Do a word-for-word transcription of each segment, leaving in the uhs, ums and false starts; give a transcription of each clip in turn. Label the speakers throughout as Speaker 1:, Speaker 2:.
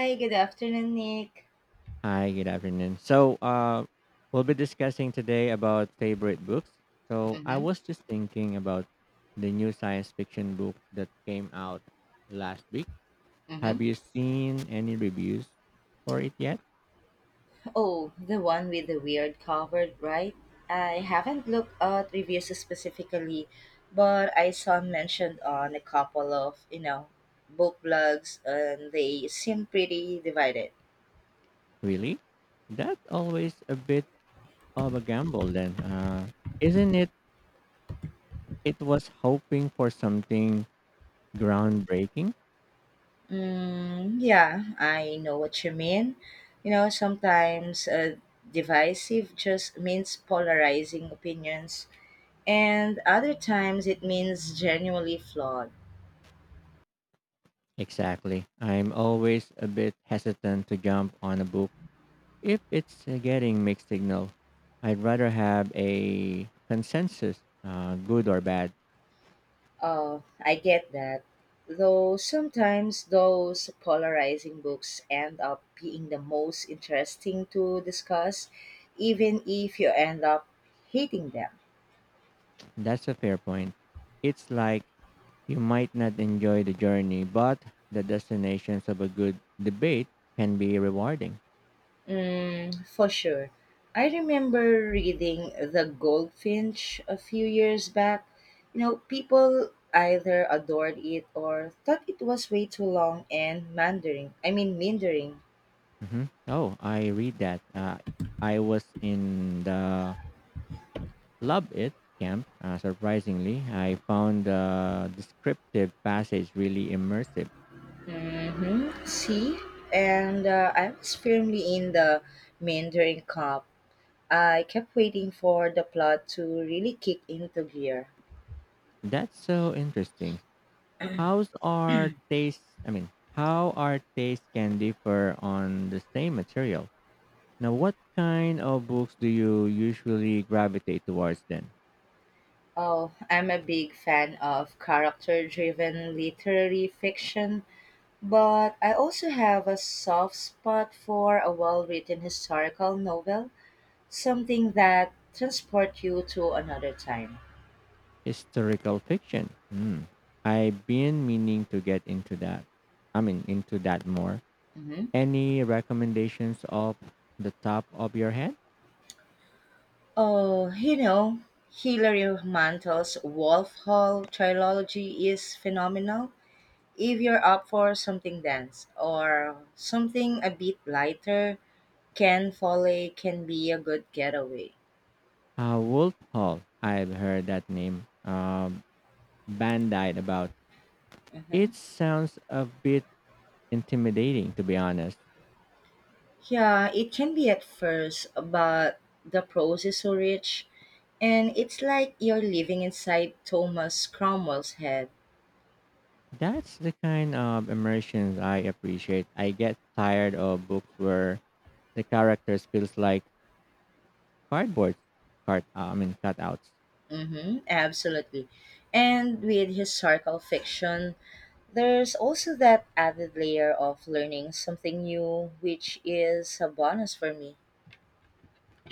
Speaker 1: Hi, good afternoon, Nick.
Speaker 2: Hi, good afternoon. So, uh, we'll be discussing today about favorite books. So, I
Speaker 1: Mm-hmm.
Speaker 2: was just thinking about the new science fiction book that came out last week.
Speaker 1: Mm-hmm.
Speaker 2: Have you seen any reviews for it yet?
Speaker 1: Oh, the one with the weird cover, right? I haven't looked at reviews specifically, but I saw mentioned on a couple of, you know, book blogs and they seem pretty divided.
Speaker 2: Really? That's always a bit of a gamble, then. Uh, isn't it? It was hoping for something groundbreaking.
Speaker 1: Mm, yeah, I know what you mean. You know, sometimes uh, divisive just means polarizing opinions, and other times it means genuinely flawed.
Speaker 2: Exactly. I'm always a bit hesitant to jump on a book if it's uh, getting mixed signal. I'd rather have a consensus, uh, good or bad.
Speaker 1: Oh, I get that. Though sometimes those polarizing books end up being the most interesting to discuss, even if you end up hating them.
Speaker 2: That's a fair point. It's like you might not enjoy the journey, but the destinations of a good debate can be rewarding.
Speaker 1: Mm, for sure. I remember reading The Goldfinch a few years back. You know, people either adored it or thought it was way too long and mandering. I mean, mindering.
Speaker 2: hmm Oh, I read that. Uh, I was in the Love It camp. Uh, surprisingly, I found the descriptive passage really immersive.
Speaker 1: Hmm. See, and uh, I was firmly in the Mandarin Cup. I kept waiting for the plot to really kick into gear.
Speaker 2: That's so interesting. How's are taste I mean, how our tastes can differ on the same material. Now what kind of books do you usually gravitate towards then?
Speaker 1: Oh, I'm a big fan of character driven literary fiction, but I also have a soft spot for a well written historical novel, something that transports you to another time.
Speaker 2: Historical fiction. Hmm. I've been meaning to get into that. I mean into that more.
Speaker 1: Mhm.
Speaker 2: Any recommendations off the top of your head?
Speaker 1: Oh, you know, Hilary Mantel's Wolf Hall trilogy is phenomenal. If you're up for something dense or something a bit lighter, Ken Foley can be a good getaway.
Speaker 2: Uh, Wolf Hall. I've heard that name. Um, Bandite about.
Speaker 1: Hmm.
Speaker 2: It sounds a bit intimidating to be honest.
Speaker 1: Yeah, it can be at first, but the prose is so rich, and it's like you're living inside Thomas Cromwell's head.
Speaker 2: That's the kind of immersion I appreciate. I get tired of books where the characters feels like cardboard card uh, I mean cutouts.
Speaker 1: Mm-hmm, absolutely. And with historical fiction, there's also that added layer of learning something new, which is a bonus for me.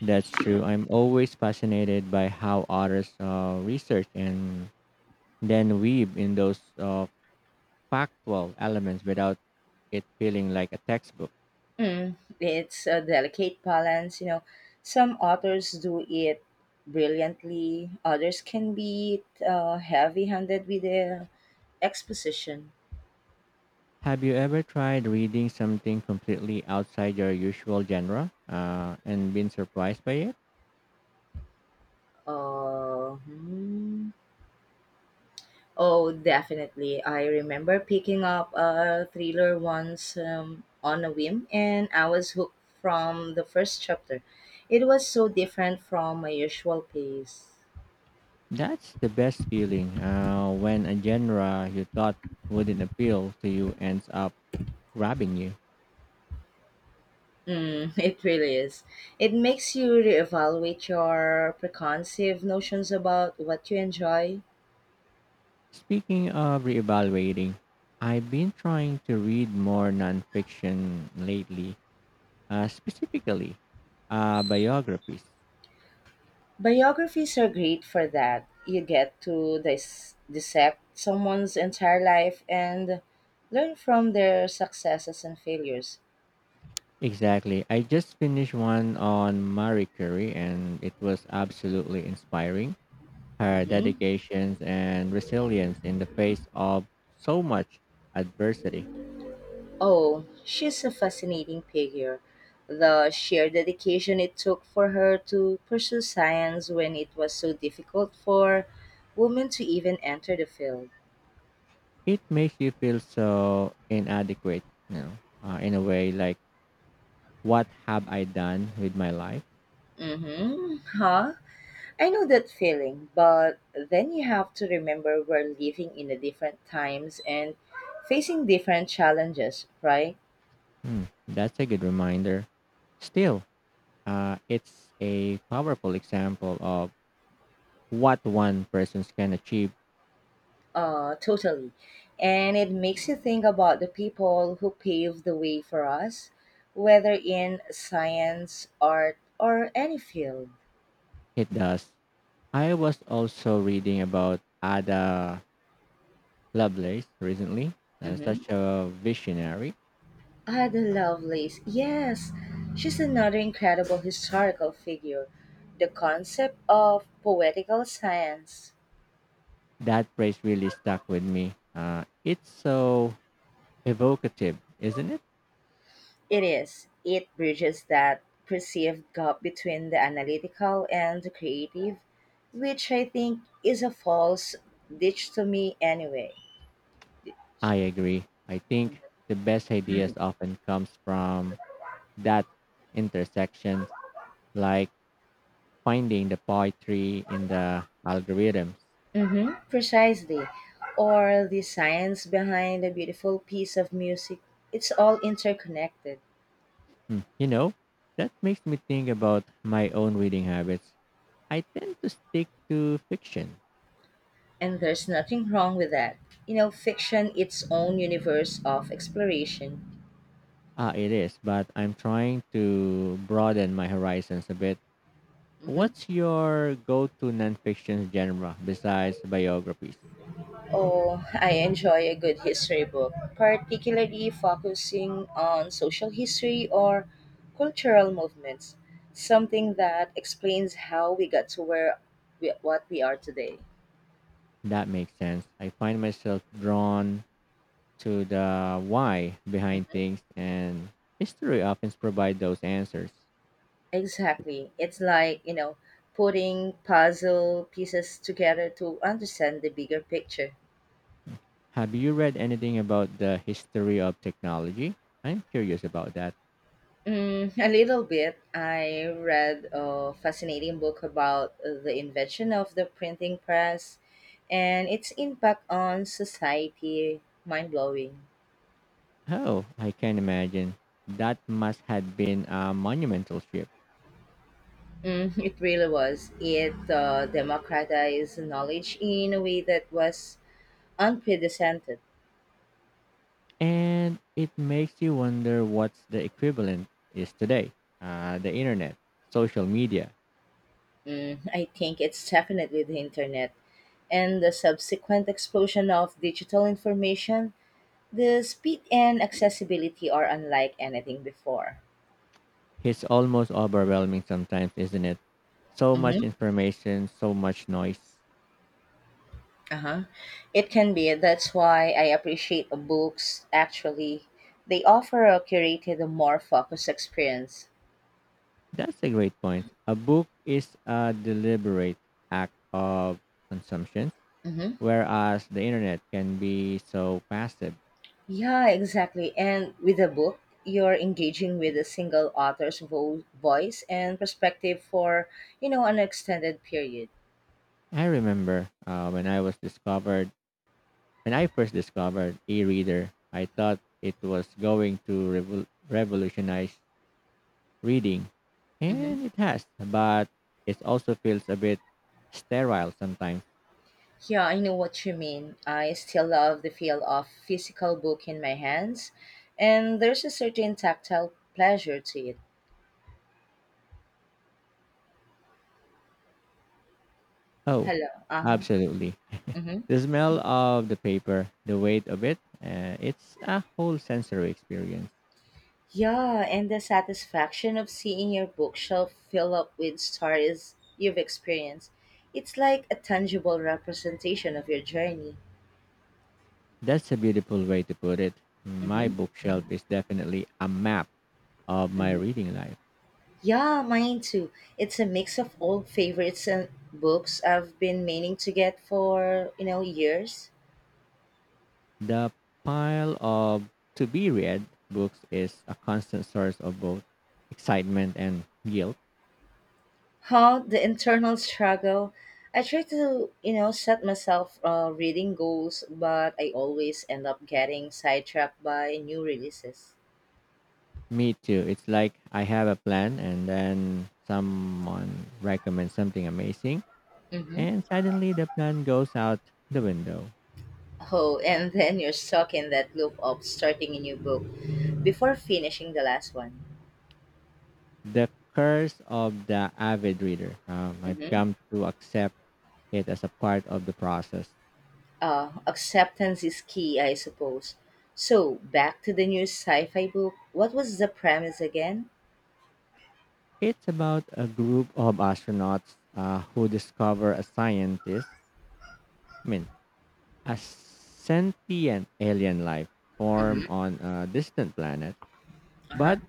Speaker 2: That's true. I'm always fascinated by how authors uh, research and then weave in those uh, factual elements without it feeling like a textbook.
Speaker 1: Mm, it's a delicate balance, you know. Some authors do it brilliantly, others can be uh, heavy handed with the exposition.
Speaker 2: Have you ever tried reading something completely outside your usual genre uh, and been surprised by it?
Speaker 1: Uh, hmm. Oh, definitely. I remember picking up a thriller once um, on a whim, and I was hooked from the first chapter. It was so different from my usual pace.
Speaker 2: That's the best feeling uh, when a genre you thought wouldn't appeal to you ends up grabbing you.
Speaker 1: Mm, it really is. It makes you reevaluate your preconceived notions about what you enjoy.
Speaker 2: Speaking of reevaluating, I've been trying to read more nonfiction lately, uh, specifically uh, biographies.
Speaker 1: Biographies are great for that. You get to dis- dissect someone's entire life and learn from their successes and failures.
Speaker 2: Exactly. I just finished one on Marie Curie and it was absolutely inspiring. Her
Speaker 1: Mhm.
Speaker 2: dedications and resilience in the face of so much adversity.
Speaker 1: Oh, she's a fascinating figure. The sheer dedication it took for her to pursue science when it was so difficult for women to even enter the field.
Speaker 2: It makes you feel so inadequate, you know, uh, in a way, like, what have I done with my life?
Speaker 1: Mm-hmm. Huh? I know that feeling, but then you have to remember we're living in a different times and facing different challenges, right?
Speaker 2: Hmm, that's a good reminder. Still, uh, it's a powerful example of what one person can achieve.
Speaker 1: Uh, totally. And it makes you think about the people who paved the way for us, whether in science, art, or any field.
Speaker 2: It does. I was also reading about Ada Lovelace recently, uh,
Speaker 1: Mm-hmm.
Speaker 2: such a visionary.
Speaker 1: Ada Lovelace, yes, she's another incredible historical figure. The concept of poetical science.
Speaker 2: That phrase really stuck with me. Uh, it's so evocative, isn't it?
Speaker 1: It is. It bridges that perceived gap between the analytical and the creative, which I think is a false dichotomy anyway.
Speaker 2: I agree. I think the best ideas often comes from that intersection, like finding the poetry in the algorithms.
Speaker 1: Hmm, precisely. Or the science behind a beautiful piece of music. It's all interconnected,
Speaker 2: Hmm. You know, that makes me think about my own reading habits. I tend to stick to fiction.
Speaker 1: and there's nothing wrong with that. You know, fiction, its own universe of exploration.
Speaker 2: Ah, it is, but I'm trying to broaden my horizons a bit.
Speaker 1: Hmm.
Speaker 2: What's your go-to nonfiction genre besides biographies?
Speaker 1: Oh, I enjoy a good history book, particularly focusing on social history or cultural movements, something that explains how we got to where we, what we are today.
Speaker 2: That makes sense. I find myself drawn to the why behind
Speaker 1: Mm-hmm.
Speaker 2: things, and history often provides those answers.
Speaker 1: Exactly. It's like, you know, putting puzzle pieces together to understand the bigger picture.
Speaker 2: Have you read anything about the history of technology? I'm curious about that.
Speaker 1: Mm, a little bit. I read a fascinating book about uh, the invention of the printing press and its impact on society. Mind blowing.
Speaker 2: Oh, I can imagine. That must have been a monumental shift.
Speaker 1: Mm, it really was. It uh, democratized knowledge in a way that was unprecedented.
Speaker 2: And it makes you wonder what's the equivalent is today. Uh, the internet, social media.
Speaker 1: Mm, I think it's definitely the internet and the subsequent explosion of digital information, the speed and accessibility are unlike anything before.
Speaker 2: It's almost overwhelming sometimes, isn't it? So much
Speaker 1: Mm-hmm.
Speaker 2: information, so much noise.
Speaker 1: Uh-huh. It can be. That's why I appreciate books. Actually, they offer a curated, more focused experience.
Speaker 2: That's a great point. A book is a deliberate act of consumption,
Speaker 1: Mm-hmm.
Speaker 2: whereas the internet can be so passive.
Speaker 1: Yeah, exactly. And with a book, you're engaging with a single author's vo- voice and perspective for you know an extended period.
Speaker 2: I remember uh, when I was discovered, when I first discovered e-reader, I thought it was going to revol- revolutionize reading, and it has, but it also feels a bit sterile sometimes.
Speaker 1: Yeah, I know what you mean. I still love the feel of physical book in my hands, and there's a certain tactile pleasure to it.
Speaker 2: Oh,
Speaker 1: Hello. Uh-huh.
Speaker 2: absolutely.
Speaker 1: Mm-hmm.
Speaker 2: The smell of the paper, the weight of it, uh, it's a whole sensory experience.
Speaker 1: Yeah, and the satisfaction of seeing your bookshelf fill up with stories you've experienced. It's like a tangible representation of your journey.
Speaker 2: That's a beautiful way to put it. My
Speaker 1: Mm-hmm.
Speaker 2: bookshelf is definitely a map of my
Speaker 1: Mm-hmm.
Speaker 2: reading life.
Speaker 1: Yeah, mine too. It's a mix of old favorites and books I've been meaning to get for, you know, years.
Speaker 2: The pile of to be read books is a constant source of both excitement and guilt.
Speaker 1: How the internal struggle. I try to, you know, set myself uh, reading goals, but I always end up getting sidetracked by new releases.
Speaker 2: Me too. It's like I have a plan and then someone recommends something amazing
Speaker 1: Hmm.
Speaker 2: and suddenly the plan goes out the window.
Speaker 1: Oh, and then you're stuck in that loop of starting a new book before finishing the last one.
Speaker 2: The curse of the avid reader. Um, I've
Speaker 1: Hmm.
Speaker 2: come to accept it as a part of the process.
Speaker 1: Uh, acceptance is key, I suppose. So back to the new sci-fi book, what was the premise again?
Speaker 2: It's about a group of astronauts uh, who discover a scientist, I mean, a sentient alien life
Speaker 1: Hmm.
Speaker 2: form on a distant planet.
Speaker 1: Uh-huh.
Speaker 2: But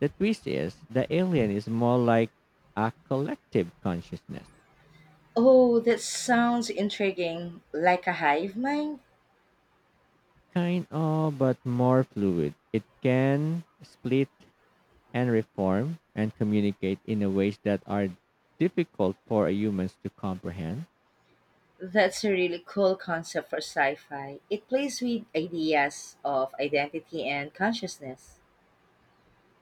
Speaker 2: the twist is the alien is more like a collective consciousness,
Speaker 1: Oh, that sounds intriguing, like a hive mind.
Speaker 2: kind of, but more fluid. It can split and reform and communicate in a ways that are difficult for humans to comprehend.
Speaker 1: That's a really cool concept for sci fi. It plays with ideas of identity and consciousness.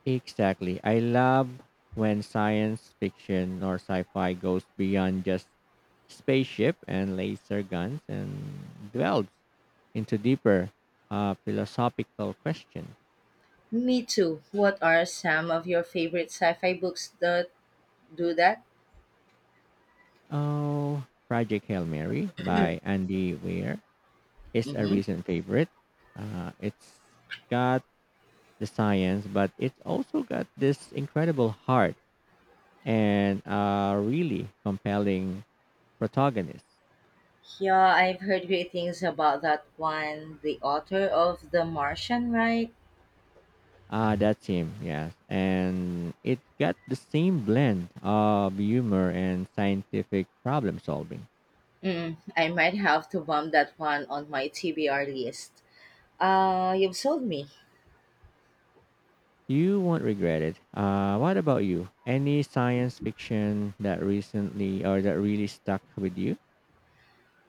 Speaker 2: Exactly. I love when science fiction or sci-fi goes beyond just spaceship and laser guns and delves into deeper uh, philosophical questions.
Speaker 1: Me too. What are some of your favorite sci fi books that do that?
Speaker 2: Oh, Project Hail Mary by Andy Weir is a
Speaker 1: Hmm.
Speaker 2: recent favorite. Uh, it's got the science, but it's also got this incredible heart and a really compelling protagonist.
Speaker 1: Yeah, I've heard great things about that one. The author of The Martian, right?
Speaker 2: Ah, that's him, yes. And it got the same blend of humor and scientific problem solving.
Speaker 1: Mm, I might have to bump that one on my T B R list. Uh, you've sold me.
Speaker 2: You won't regret it. Uh, what about you? Any science fiction that recently or that really stuck with you?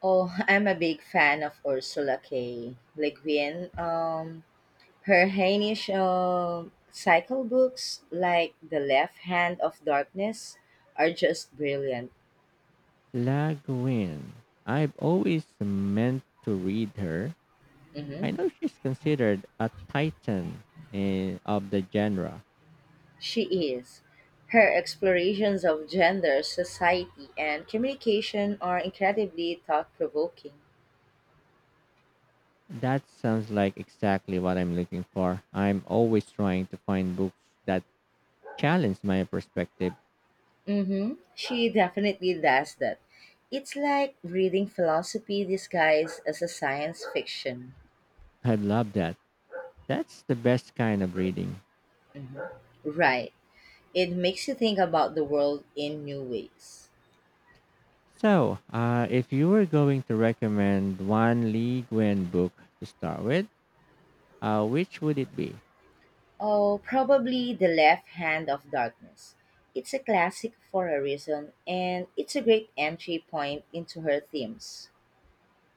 Speaker 1: Oh, I'm a big fan of Ursula K. Le Guin. Um, Her Heinisch um, cycle books, like The Left Hand of Darkness, are just brilliant.
Speaker 2: La Guin. I've always meant to read her. I
Speaker 1: Mhm.
Speaker 2: know she's considered a titan in, of the genre.
Speaker 1: She is. Her explorations of gender, society, and communication are incredibly thought provoking.
Speaker 2: That sounds like exactly what I'm looking for. I'm always trying to find books that challenge my perspective.
Speaker 1: Mm-hmm. She definitely does that. It's like reading philosophy disguised as a science fiction.
Speaker 2: I love that. That's the best kind of reading.
Speaker 1: Mhm. Right. It makes you think about the world in new ways.
Speaker 2: So, uh, if you were going to recommend one Lee Gwen book to start with, uh, which would it be?
Speaker 1: Oh, probably The Left Hand of Darkness. It's a classic for a reason, and it's a great entry point into her themes.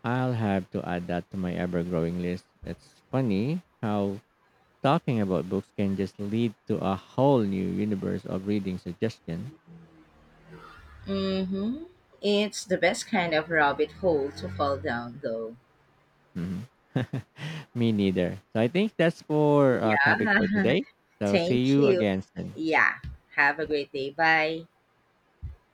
Speaker 2: I'll have to add that to my ever growing list. It's funny how talking about books can just lead to a whole new universe of reading suggestions.
Speaker 1: Mm-hmm. It's the best kind of rabbit hole to fall down, though.
Speaker 2: Mhm. Me neither. So I think that's for uh, topic for
Speaker 1: Yeah.
Speaker 2: today. So see
Speaker 1: Thank
Speaker 2: you
Speaker 1: you.
Speaker 2: again soon.
Speaker 1: Yeah. Have a great day. Bye.